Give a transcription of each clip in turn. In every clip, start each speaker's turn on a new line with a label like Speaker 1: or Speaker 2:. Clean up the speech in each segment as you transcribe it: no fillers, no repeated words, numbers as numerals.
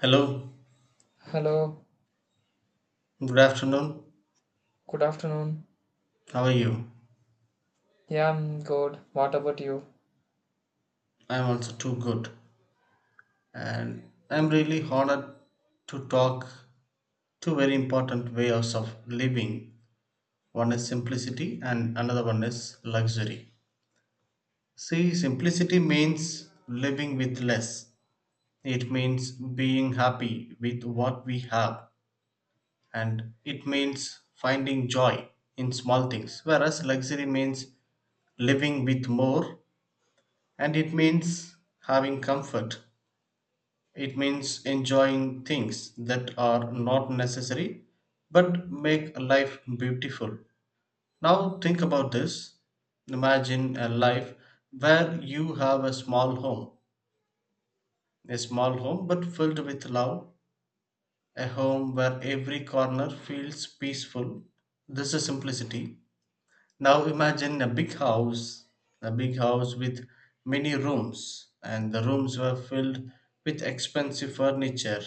Speaker 1: Hello,
Speaker 2: Hello,
Speaker 1: good afternoon.
Speaker 2: good afternoon.
Speaker 1: How are you?
Speaker 2: Yeah, I'm good. What about you?
Speaker 1: I'm also too good. And I'm really honored to talk two very important ways of living. One is simplicity and another one is luxury. See, simplicity means living with less. It means being happy with what we have and it means finding joy in small things. Whereas luxury means living with more and it means having comfort. It means enjoying things that are not necessary but make life beautiful. Now think about this. Imagine a life where you have a small home but filled with love, a home where every corner feels peaceful. This is simplicity. Now imagine a big house with many rooms, and the rooms were filled with expensive furniture,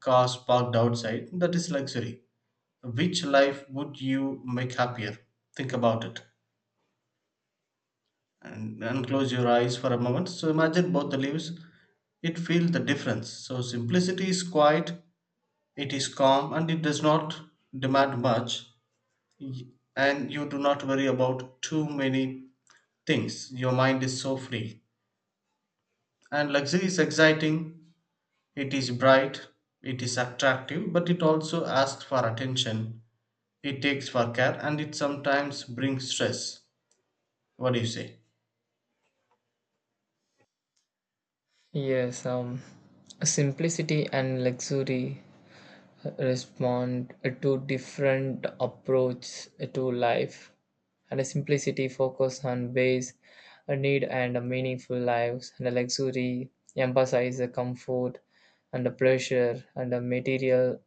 Speaker 1: cars parked outside. That is luxury. Which life would you make happier? Think about it, and close your eyes for a moment. So imagine both the lives. It feels the difference. So simplicity is quiet, it is calm, and it does not demand much. Y- and you do not worry about too many things. Your mind is so free. And luxury is exciting, it is bright, it is attractive, but it also asks for attention, it takes for care, and it sometimes brings stress. What do you say?
Speaker 2: Yes, simplicity and luxury respond to different approach to life. And a simplicity focus on base a need and a meaningful lives, and a luxury emphasize the comfort and the pleasure and the material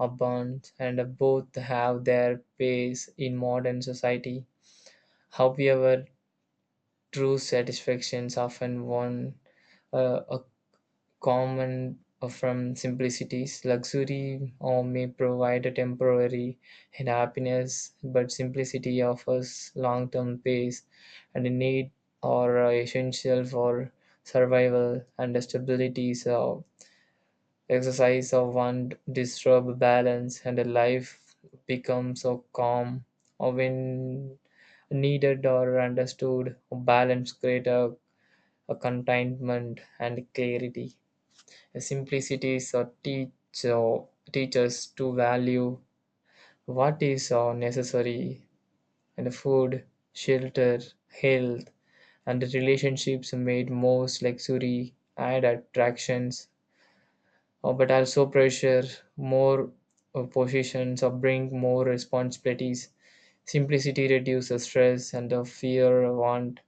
Speaker 2: abundance, and both have their place in modern society. However, true satisfactions often one a common from simplicities. Luxury or may provide a temporary and happiness, but simplicity offers long-term peace and a need or essential for survival and stability. So exercise of one disturb balance and a life becomes so calm or when needed or understood balance create a contentment and clarity. Simplicity is teaches to value what is necessary and food, shelter, health, and relationships made most luxury add attractions, but also pressure, more positions, or bring more responsibilities. Simplicity reduces stress and the fear want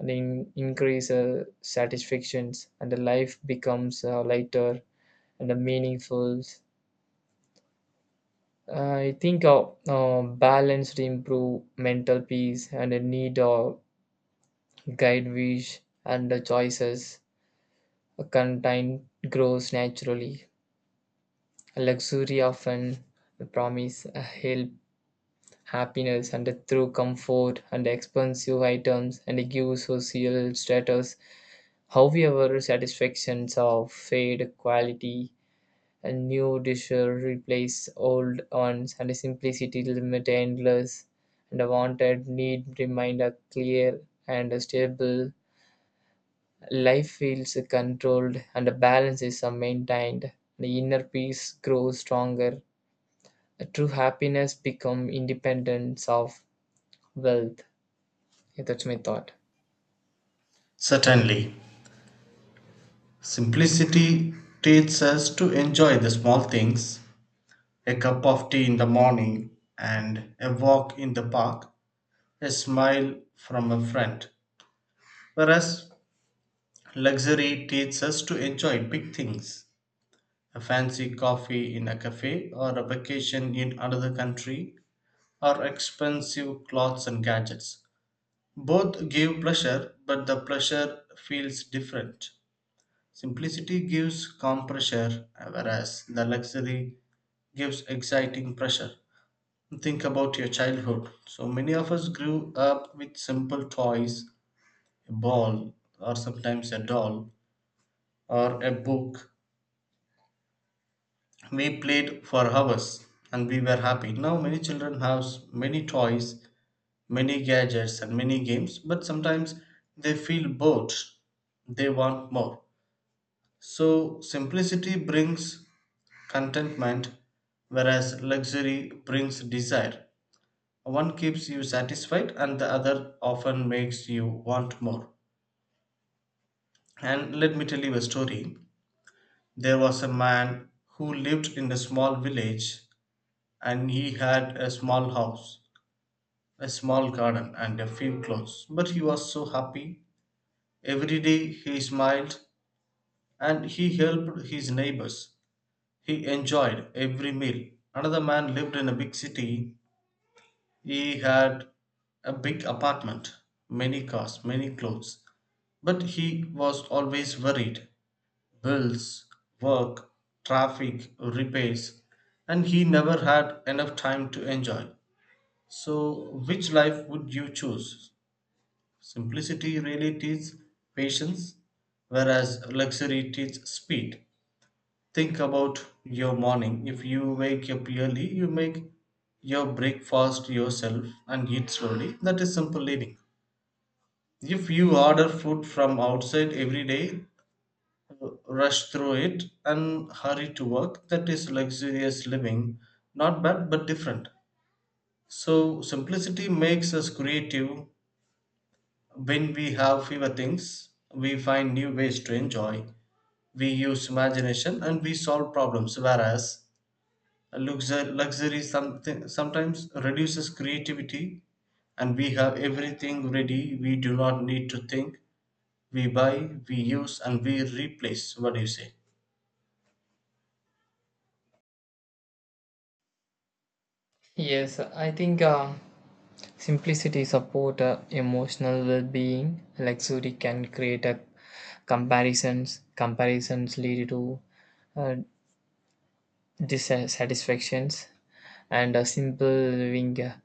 Speaker 2: and increase satisfactions and the life becomes lighter and the meaningful. I think balanced improve mental peace and a need of guide wish and the choices. A content grows naturally. Luxury often promise help, happiness, and through comfort and expensive items and gives social status. However, satisfactions of fade quality, and new dishes replace old ones, and simplicity limit endless, and a wanted need remind a clear and stable. Life feels controlled, and a balance is maintained. The inner peace grows stronger. True happiness become independence of wealth. Yeah, that's my thought.
Speaker 1: Certainly. Simplicity teaches us to enjoy the small things, a cup of tea in the morning and a walk in the park, a smile from a friend. Whereas luxury teaches us to enjoy big things, a fancy coffee in a cafe, or a vacation in another country, or expensive clothes and gadgets. Both give pleasure, but the pleasure feels different. Simplicity gives calm pressure, whereas the luxury gives exciting pressure. Think about your childhood. So many of us grew up with simple toys, a ball, or sometimes a doll, or a book. We played for hours and we were happy. Now, many children have many toys, many gadgets, and many games, but sometimes they feel bored. They want more. So, simplicity brings contentment, whereas luxury brings desire. One keeps you satisfied, and the other often makes you want more. And let me tell you a story. There was a man who lived in a small village, and he had a small house, a small garden, and a few clothes. But he was so happy. Every day he smiled and he helped his neighbors. He enjoyed every meal. Another man lived in a big city. He had a big apartment, many cars, many clothes, but he was always worried, bills, work, traffic, repairs, and he never had enough time to enjoy. So, which life would you choose? Simplicity really teaches patience, whereas luxury teaches speed. Think about your morning. If you wake up early, you make your breakfast yourself and eat slowly. That is simple living. If you order food from outside every day, rush through it, and hurry to work, that is luxurious living. Not bad, but different. So, simplicity makes us creative. When we have fewer things, we find new ways to enjoy. We use imagination and we solve problems, whereas sometimes reduces creativity, and we have everything ready. We do not need to think. We buy, we use, and we replace. What do you say?
Speaker 2: Yes, I think simplicity support emotional well-being. Luxury can create a comparisons. Comparisons lead to uh, dissatisfactions, and a simple living uh,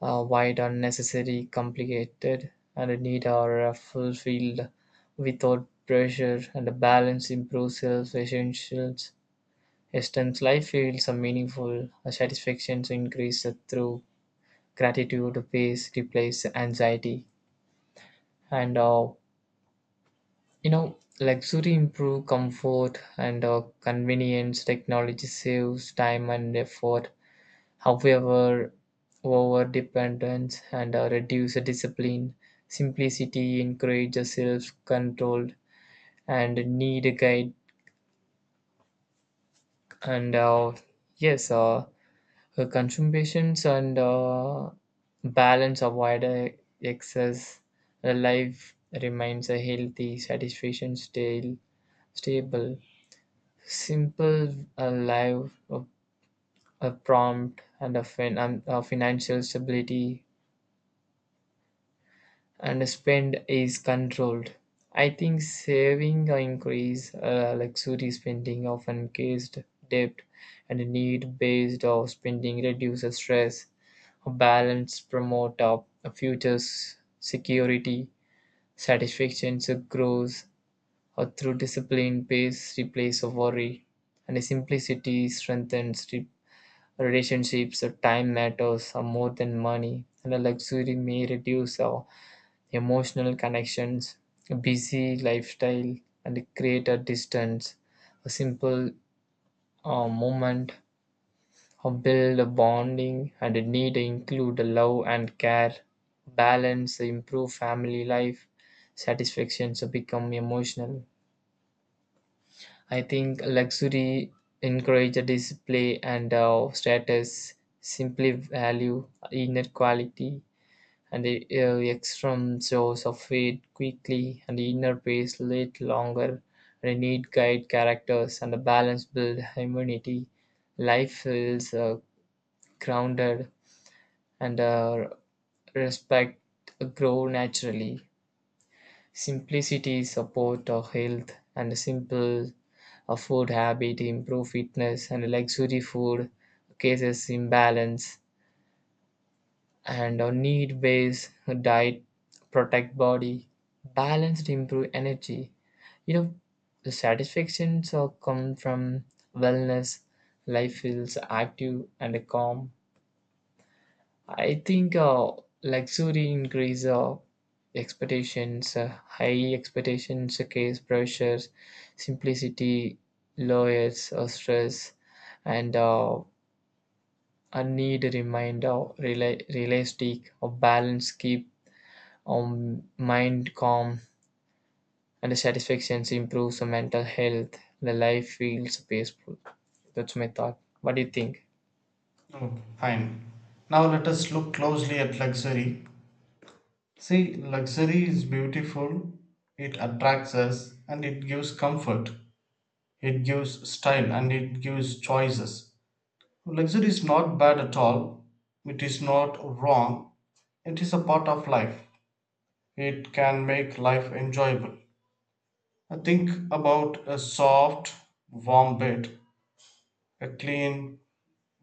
Speaker 2: uh, wide unnecessary, complicated, and a need are fulfilled without pressure. And a balance improves self essentials. Esten's life feels a meaningful, a satisfaction increase through gratitude, peace replaces anxiety, and luxury improve comfort and convenience. Technology saves time and effort. However, over dependence and reduces discipline. Simplicity encourages self control and need guide. And yes, consumptions and balance avoid excess. The life remains a healthy, satisfaction, stable, simple, alive, a prompt, and a financial stability and spend is controlled. I think saving or increase luxury spending often caused debt and need based of spending reduces stress. A balance promote up a futures security, satisfaction so grows or through discipline pace replace of worry and the simplicity strengthens relationships or time matters are more than money and a luxury may reduce our emotional connections, busy lifestyle, and create a distance. A simple moment or build a bonding and a need to include a love and care, balance, improve family life, satisfaction, so become emotional. I think luxury encourage a display and status, simply value inner quality and the extreme jaws of fade quickly, and the inner pace lit longer, and the need guide characters, and the balance build immunity. Life feels grounded, and respect grow naturally. Simplicity support our health, and a simple food habit improve fitness, and luxury food cases imbalance and a need base diet protect body balanced improve energy you know the satisfaction so come from wellness. Life feels active and calm. I think luxury increase expectations, high expectations case pressures. Simplicity lowers or stress, and a need reminder realistic or balance keep mind calm, and satisfaction improves the mental health. The life feels peaceful. That's my thought. What do you think?
Speaker 1: Okay, fine. Now let us look closely at luxury. See, luxury is beautiful, it attracts us, and it gives comfort, it gives style, and it gives choices. Luxury is not bad at all, it is not wrong, it is a part of life. It can make life enjoyable. Think about a soft, warm bed, a clean,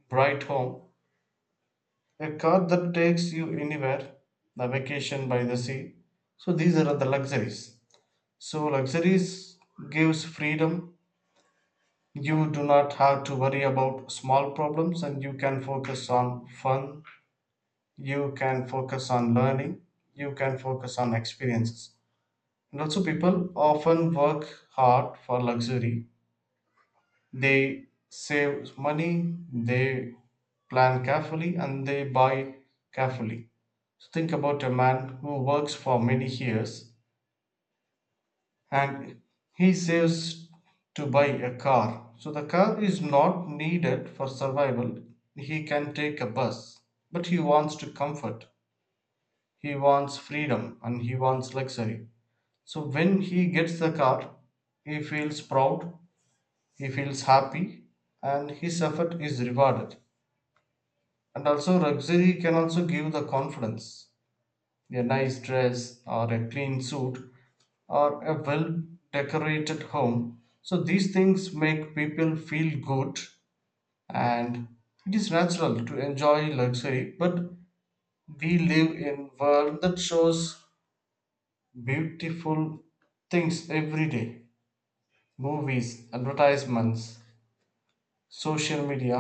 Speaker 1: bright home, a car that takes you anywhere, a vacation by the sea. So these are the luxuries. So luxuries gives freedom. You do not have to worry about small problems and you can focus on fun. You can focus on learning. You can focus on experiences. And also people often work hard for luxury. They save money, they plan carefully, and they buy carefully. So think about a man who works for many years and he saves to buy a car. So the car is not needed for survival. He can take a bus, but he wants to comfort. He wants freedom and he wants luxury. So when he gets the car, he feels proud, he feels happy, and his effort is rewarded. And also luxury can also give the confidence, a nice dress or a clean suit or a well decorated home. So these things make people feel good. And it is natural to enjoy luxury, but we live in world that shows beautiful things every day, movies, advertisements, social media,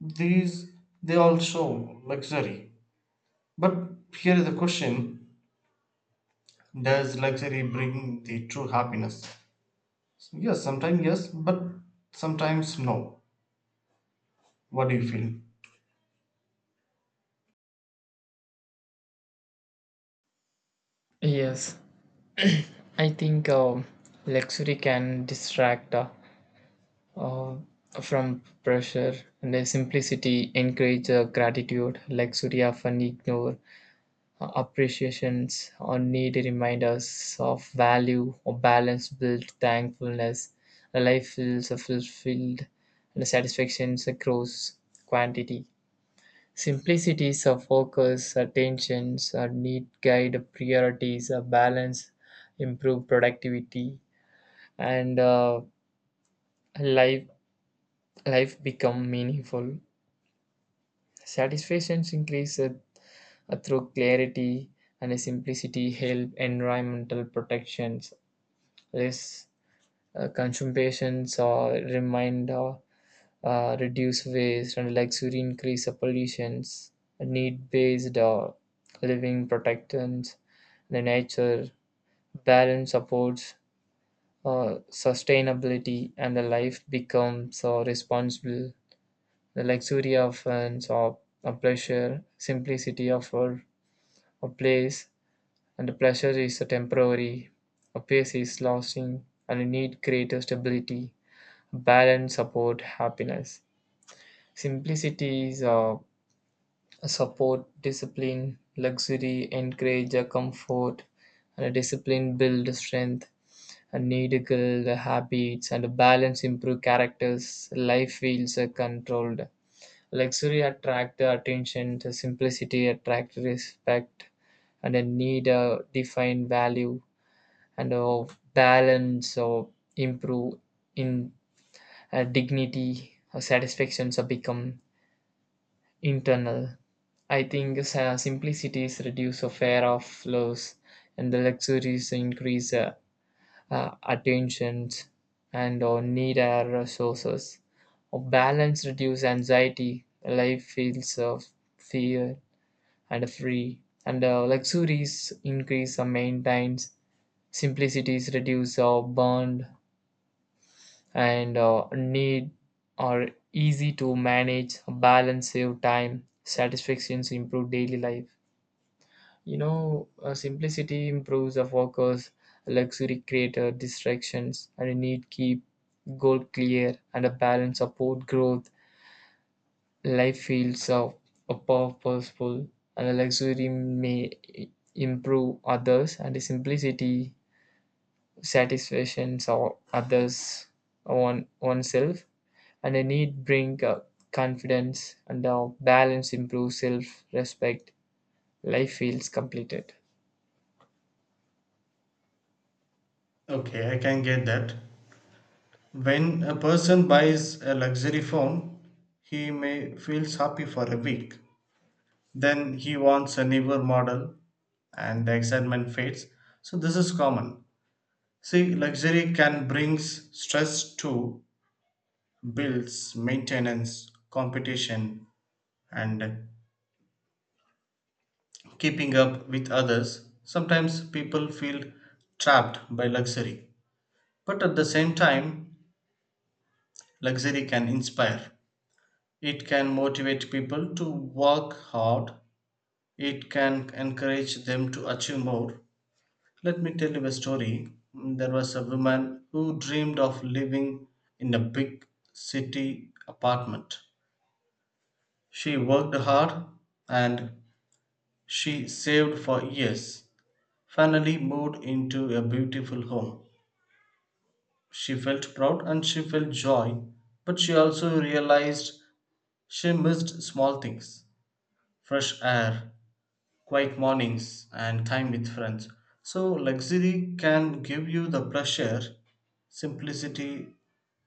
Speaker 1: these, they all show luxury. But here is the question, does luxury bring the true happiness? Yes, sometimes yes, but sometimes no. What do you feel?
Speaker 2: Yes, I think luxury can distract uh, from pressure and the simplicity encourages gratitude. Luxury often ignore appreciations or need reminders of value or balance built thankfulness. A life feels fulfilled and satisfaction grows quantity. Simplicities of focus, attentions, or need guide priorities, a balance, improve productivity, and life life become meaningful. Satisfactions increase through clarity and simplicity help environmental protections, less consumptions or remind, reduce waste and luxury increase the pollutions, need based living protections, the nature balance supports sustainability and the life becomes responsible. The luxury of and a pleasure, simplicity of a place, and the pleasure is a temporary, a pace is lasting and a need greater stability. Balance support happiness. Simplicities support discipline. Luxury encourage a comfort, and a discipline build strength. And need girl the habits and a balance improve characters. Life feels controlled. Luxury attract the attention. The simplicity attract respect, and a need define value and balance or improve in dignity, satisfactions have become internal. I think simplicities reduce a fear of loss, and the luxuries increase attentions and or need our resources. A balance reduce anxiety. Life feels of fear and free, and luxuries increase or maintains. Simplicities reduce or bond and need are easy to manage, balance, save time, satisfactions, improve daily life. Simplicity improves the focus, luxury creator distractions, and a need keep goal clear and a balance support growth. Life feels purposeful, and the luxury may i- improve others, and the simplicity satisfactions or others on oneself and a need bring confidence and balance improves self-respect. Life feels completed.
Speaker 1: Okay, I can get that. When a person buys a luxury phone, he may feels happy for a week. Then he wants a newer model and the excitement fades. So this is common. See, luxury can brings stress to bills, maintenance, competition and keeping up with others. Sometimes people feel trapped by luxury. But at the same time, luxury can inspire. It can motivate people to work hard. It can encourage them to achieve more. Let me tell you a story. There was a woman who dreamed of living in a big city apartment. She worked hard and she saved for years. Finally, moved into a beautiful home. She felt proud and she felt joy, but she also realized she missed small things, fresh air, quiet mornings, and time with friends. So, luxury can give you the pressure, simplicity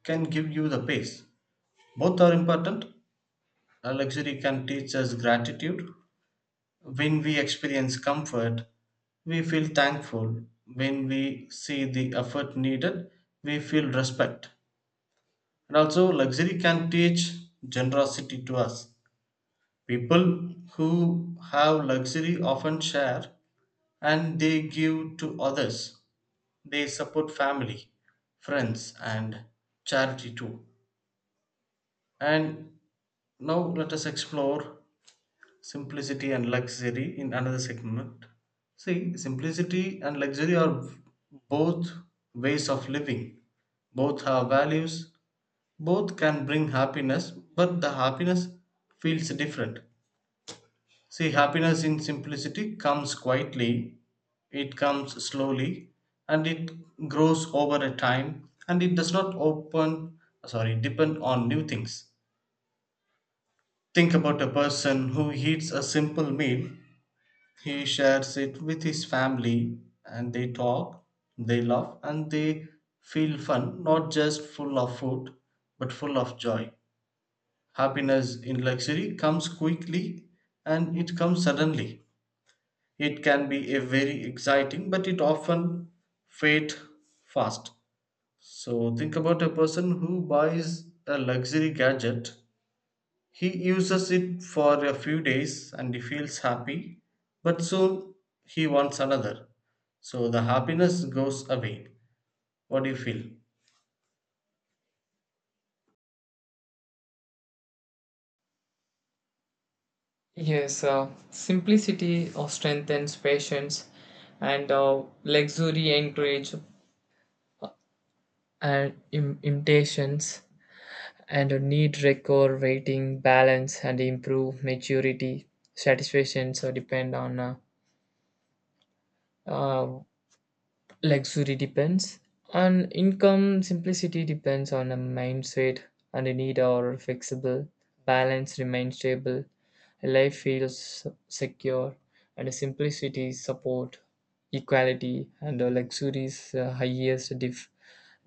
Speaker 1: can give you the pace. Both are important. Luxury can teach us gratitude. When we experience comfort, we feel thankful. When we see the effort needed, we feel respect. And also, luxury can teach generosity to us. People who have luxury often share and they give to others. They support family, friends, and charity too. And now let us explore simplicity and luxury in another segment. See, simplicity and luxury are both ways of living, both have values. Both can bring happiness, but the happiness feels different. See, happiness in simplicity comes quietly, it comes slowly, and it grows over a time, and it does not open, sorry, depend on new things. Think about a person who eats a simple meal. He shares it with his family, and they talk, they laugh, and they feel fun, not just full of food, but full of joy. Happiness in luxury comes quickly and it comes suddenly. It can be a very exciting, but it often fades fast. So think about a person who buys a luxury gadget. He uses it for a few days and he feels happy, but soon he wants another. So the happiness goes away. What do you feel?
Speaker 2: Yes, simplicity strengthens patience, and luxury encourage and impatience and a need record waiting balance and improve maturity satisfactions so depend on uh, Luxury depends on income, simplicity depends on a mindset and a need are flexible, balance remains stable, life feels secure, and simplicity support equality and the luxury's highest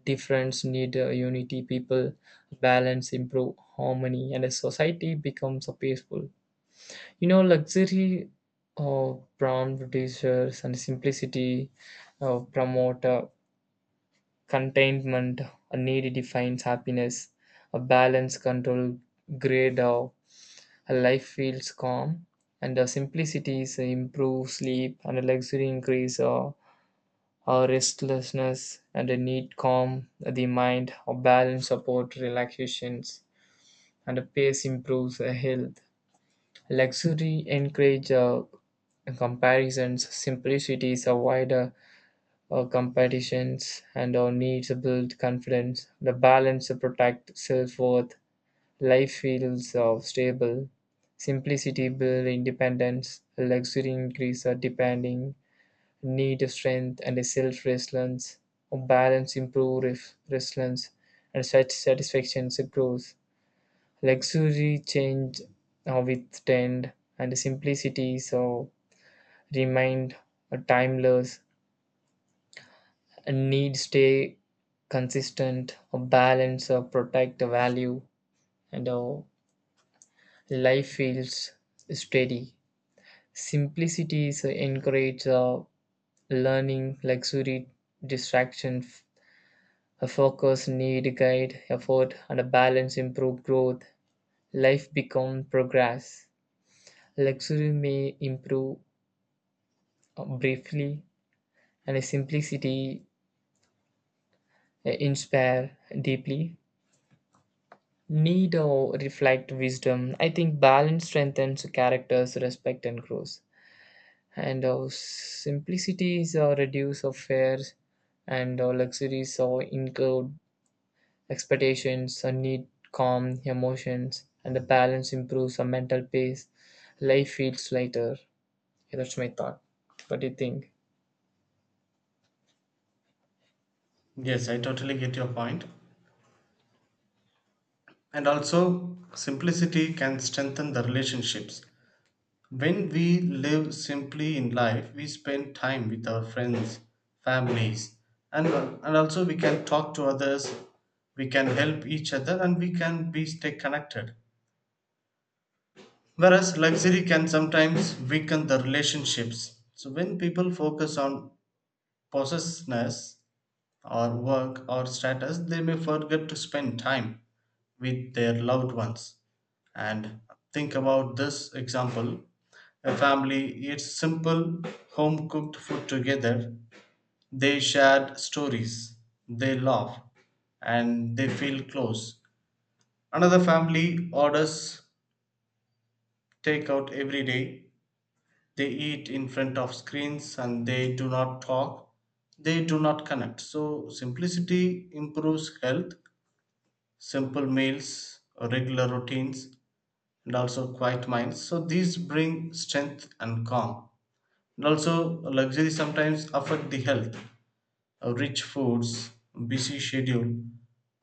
Speaker 2: difference need unity people balance improve harmony and a society becomes a peaceful. Luxury of prompt producers and simplicity of promoter containment, a need defines happiness, a balance control grade of a life feels calm, and the simplicity is improve sleep and a luxury increase or our restlessness and a need calm the mind, a balance support relaxations and a pace improves health. Luxury encourages comparisons, simplicity is a avoids competitions, and our needs build confidence. The balance protect self worth. Life feels stable. Simplicity build independence. Luxury increases depending. Need strength and self resilience. Balance improves resilience, and such satisfaction grows. Luxury changed with trend, and simplicity so remained timeless. A need stay consistent, a balance, protect the value, and life feels steady. Simplicity is encourage learning, luxury, distraction, a focus, need, guide, effort, and a balance improve growth. Life become progress. Luxury may improve briefly and simplicity inspire deeply, need or reflect wisdom. I think balance strengthens characters, respect and grows, and simplicity is a reduce of fears and luxuries or include expectations and need calm emotions and the balance improves our mental peace. Life feels lighter. Yeah, that's my thought. What do you think?
Speaker 1: Yes, I totally get your point. And also, simplicity can strengthen the relationships. When we live simply in life, we spend time with our friends, families, and also we can talk to others, we can help each other, and we can be stay connected. Whereas luxury can sometimes weaken the relationships. So when people focus on possessiveness, or work or status, they may forget to spend time with their loved ones. And think about this example, a family eats simple home cooked food together, they share stories, they laugh, and they feel close. Another family orders takeout every day. They eat in front of screens and they do not talk. They do not connect. So, simplicity improves health, simple meals, regular routines, and also quiet minds. So these bring strength and calm. And also, luxury sometimes affect the health. Rich foods, busy schedule,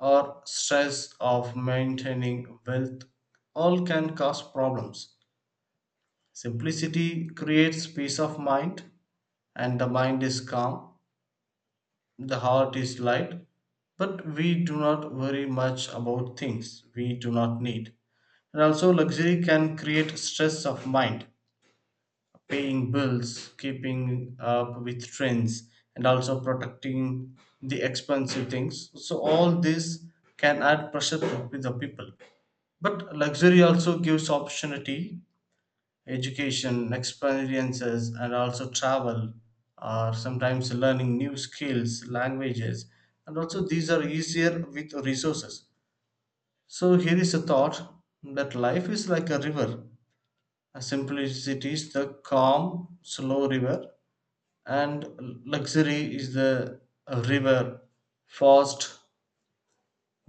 Speaker 1: or stress of maintaining wealth all can cause problems. Simplicity creates peace of mind, and the mind is calm. The heart is light, but we do not worry much about things we do not need. And also, luxury can create stress of mind, paying bills, keeping up with trends, and also protecting the expensive things. So, all this can add pressure to the people. But luxury also gives opportunity, education, experiences and also travel or sometimes learning new skills, languages, and also these are easier with resources. So here is a thought, that life is like a river. Simplicity is the calm slow river, and luxury is the river, fast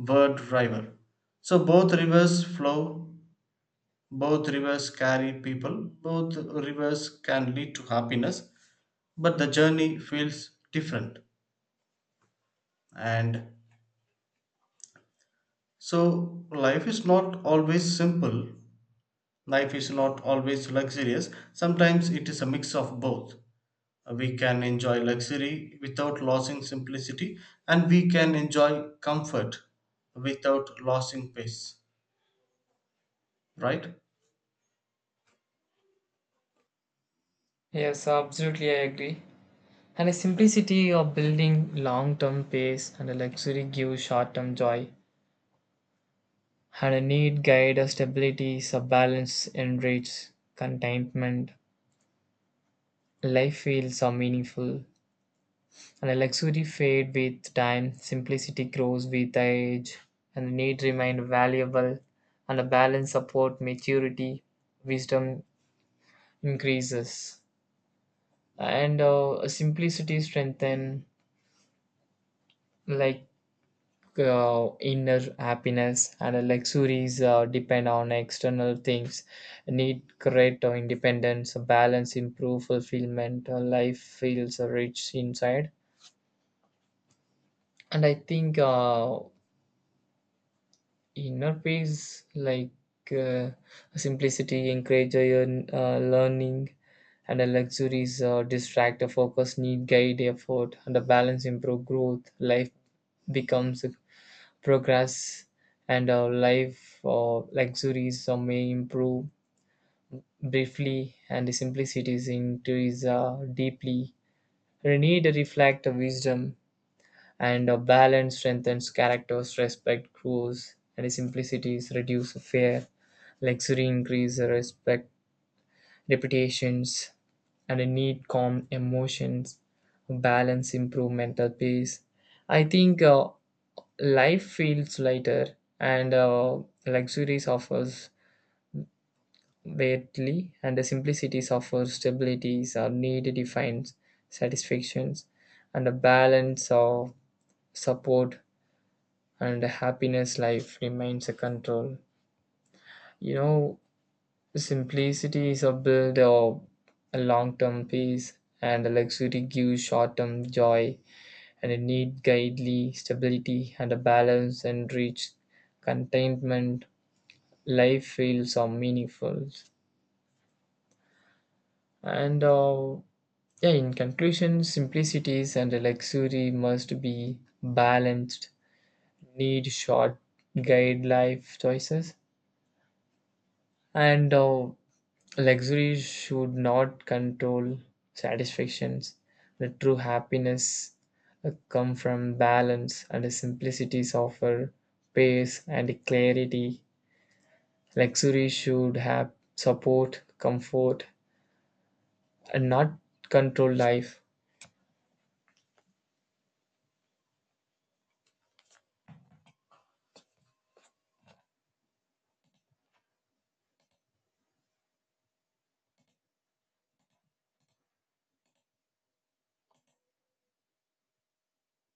Speaker 1: word river. So both rivers flow, both rivers carry people, both rivers can lead to happiness, but the journey feels different. And so, life is not always simple, life is not always luxurious. Sometimes it is a mix of both. We can enjoy luxury without losing simplicity, and we can enjoy comfort without losing pace, right?
Speaker 2: Yes, absolutely, I agree. And the simplicity of building long term pace and a luxury gives short term joy. And a need guide a stability, a balance enrich contentment. Life feels so meaningful. And a luxury fade with time, simplicity grows with age, and the need remain valuable, and a balance support maturity, wisdom increases. And simplicity strengthen like inner happiness and luxuries depend on external things, need create independence, balance improve fulfillment, life feels rich inside. And I think inner peace like, uh, simplicity encourage learning and the luxuries distract the focus, need guide effort and the balance improve growth. Life becomes progress. And our life or luxuries or may improve briefly and the simplicities increase deeply. We need to reflect the wisdom and a balance strengthens characters, respect grows and the simplicities reduce fear, luxury increase respect, reputations and a need calm emotions, balance improve mental peace. I think life feels lighter, and luxuries offers weirdly, and the simplicity offers stabilities or need defines satisfactions, and a balance of support and a happiness. Life remains a control. You know, Simplicity is a build of a long-term peace, and the luxury gives short-term joy, and a need guidely stability and a balance and reach contentment. Life feels are meaningful. And yeah, in conclusion, simplicities and luxury must be balanced. Need short guide life choices, and luxury should not control satisfactions. The true happiness come from balance, and the simplicities offer pace and clarity. Luxury should have support, comfort, and not control life.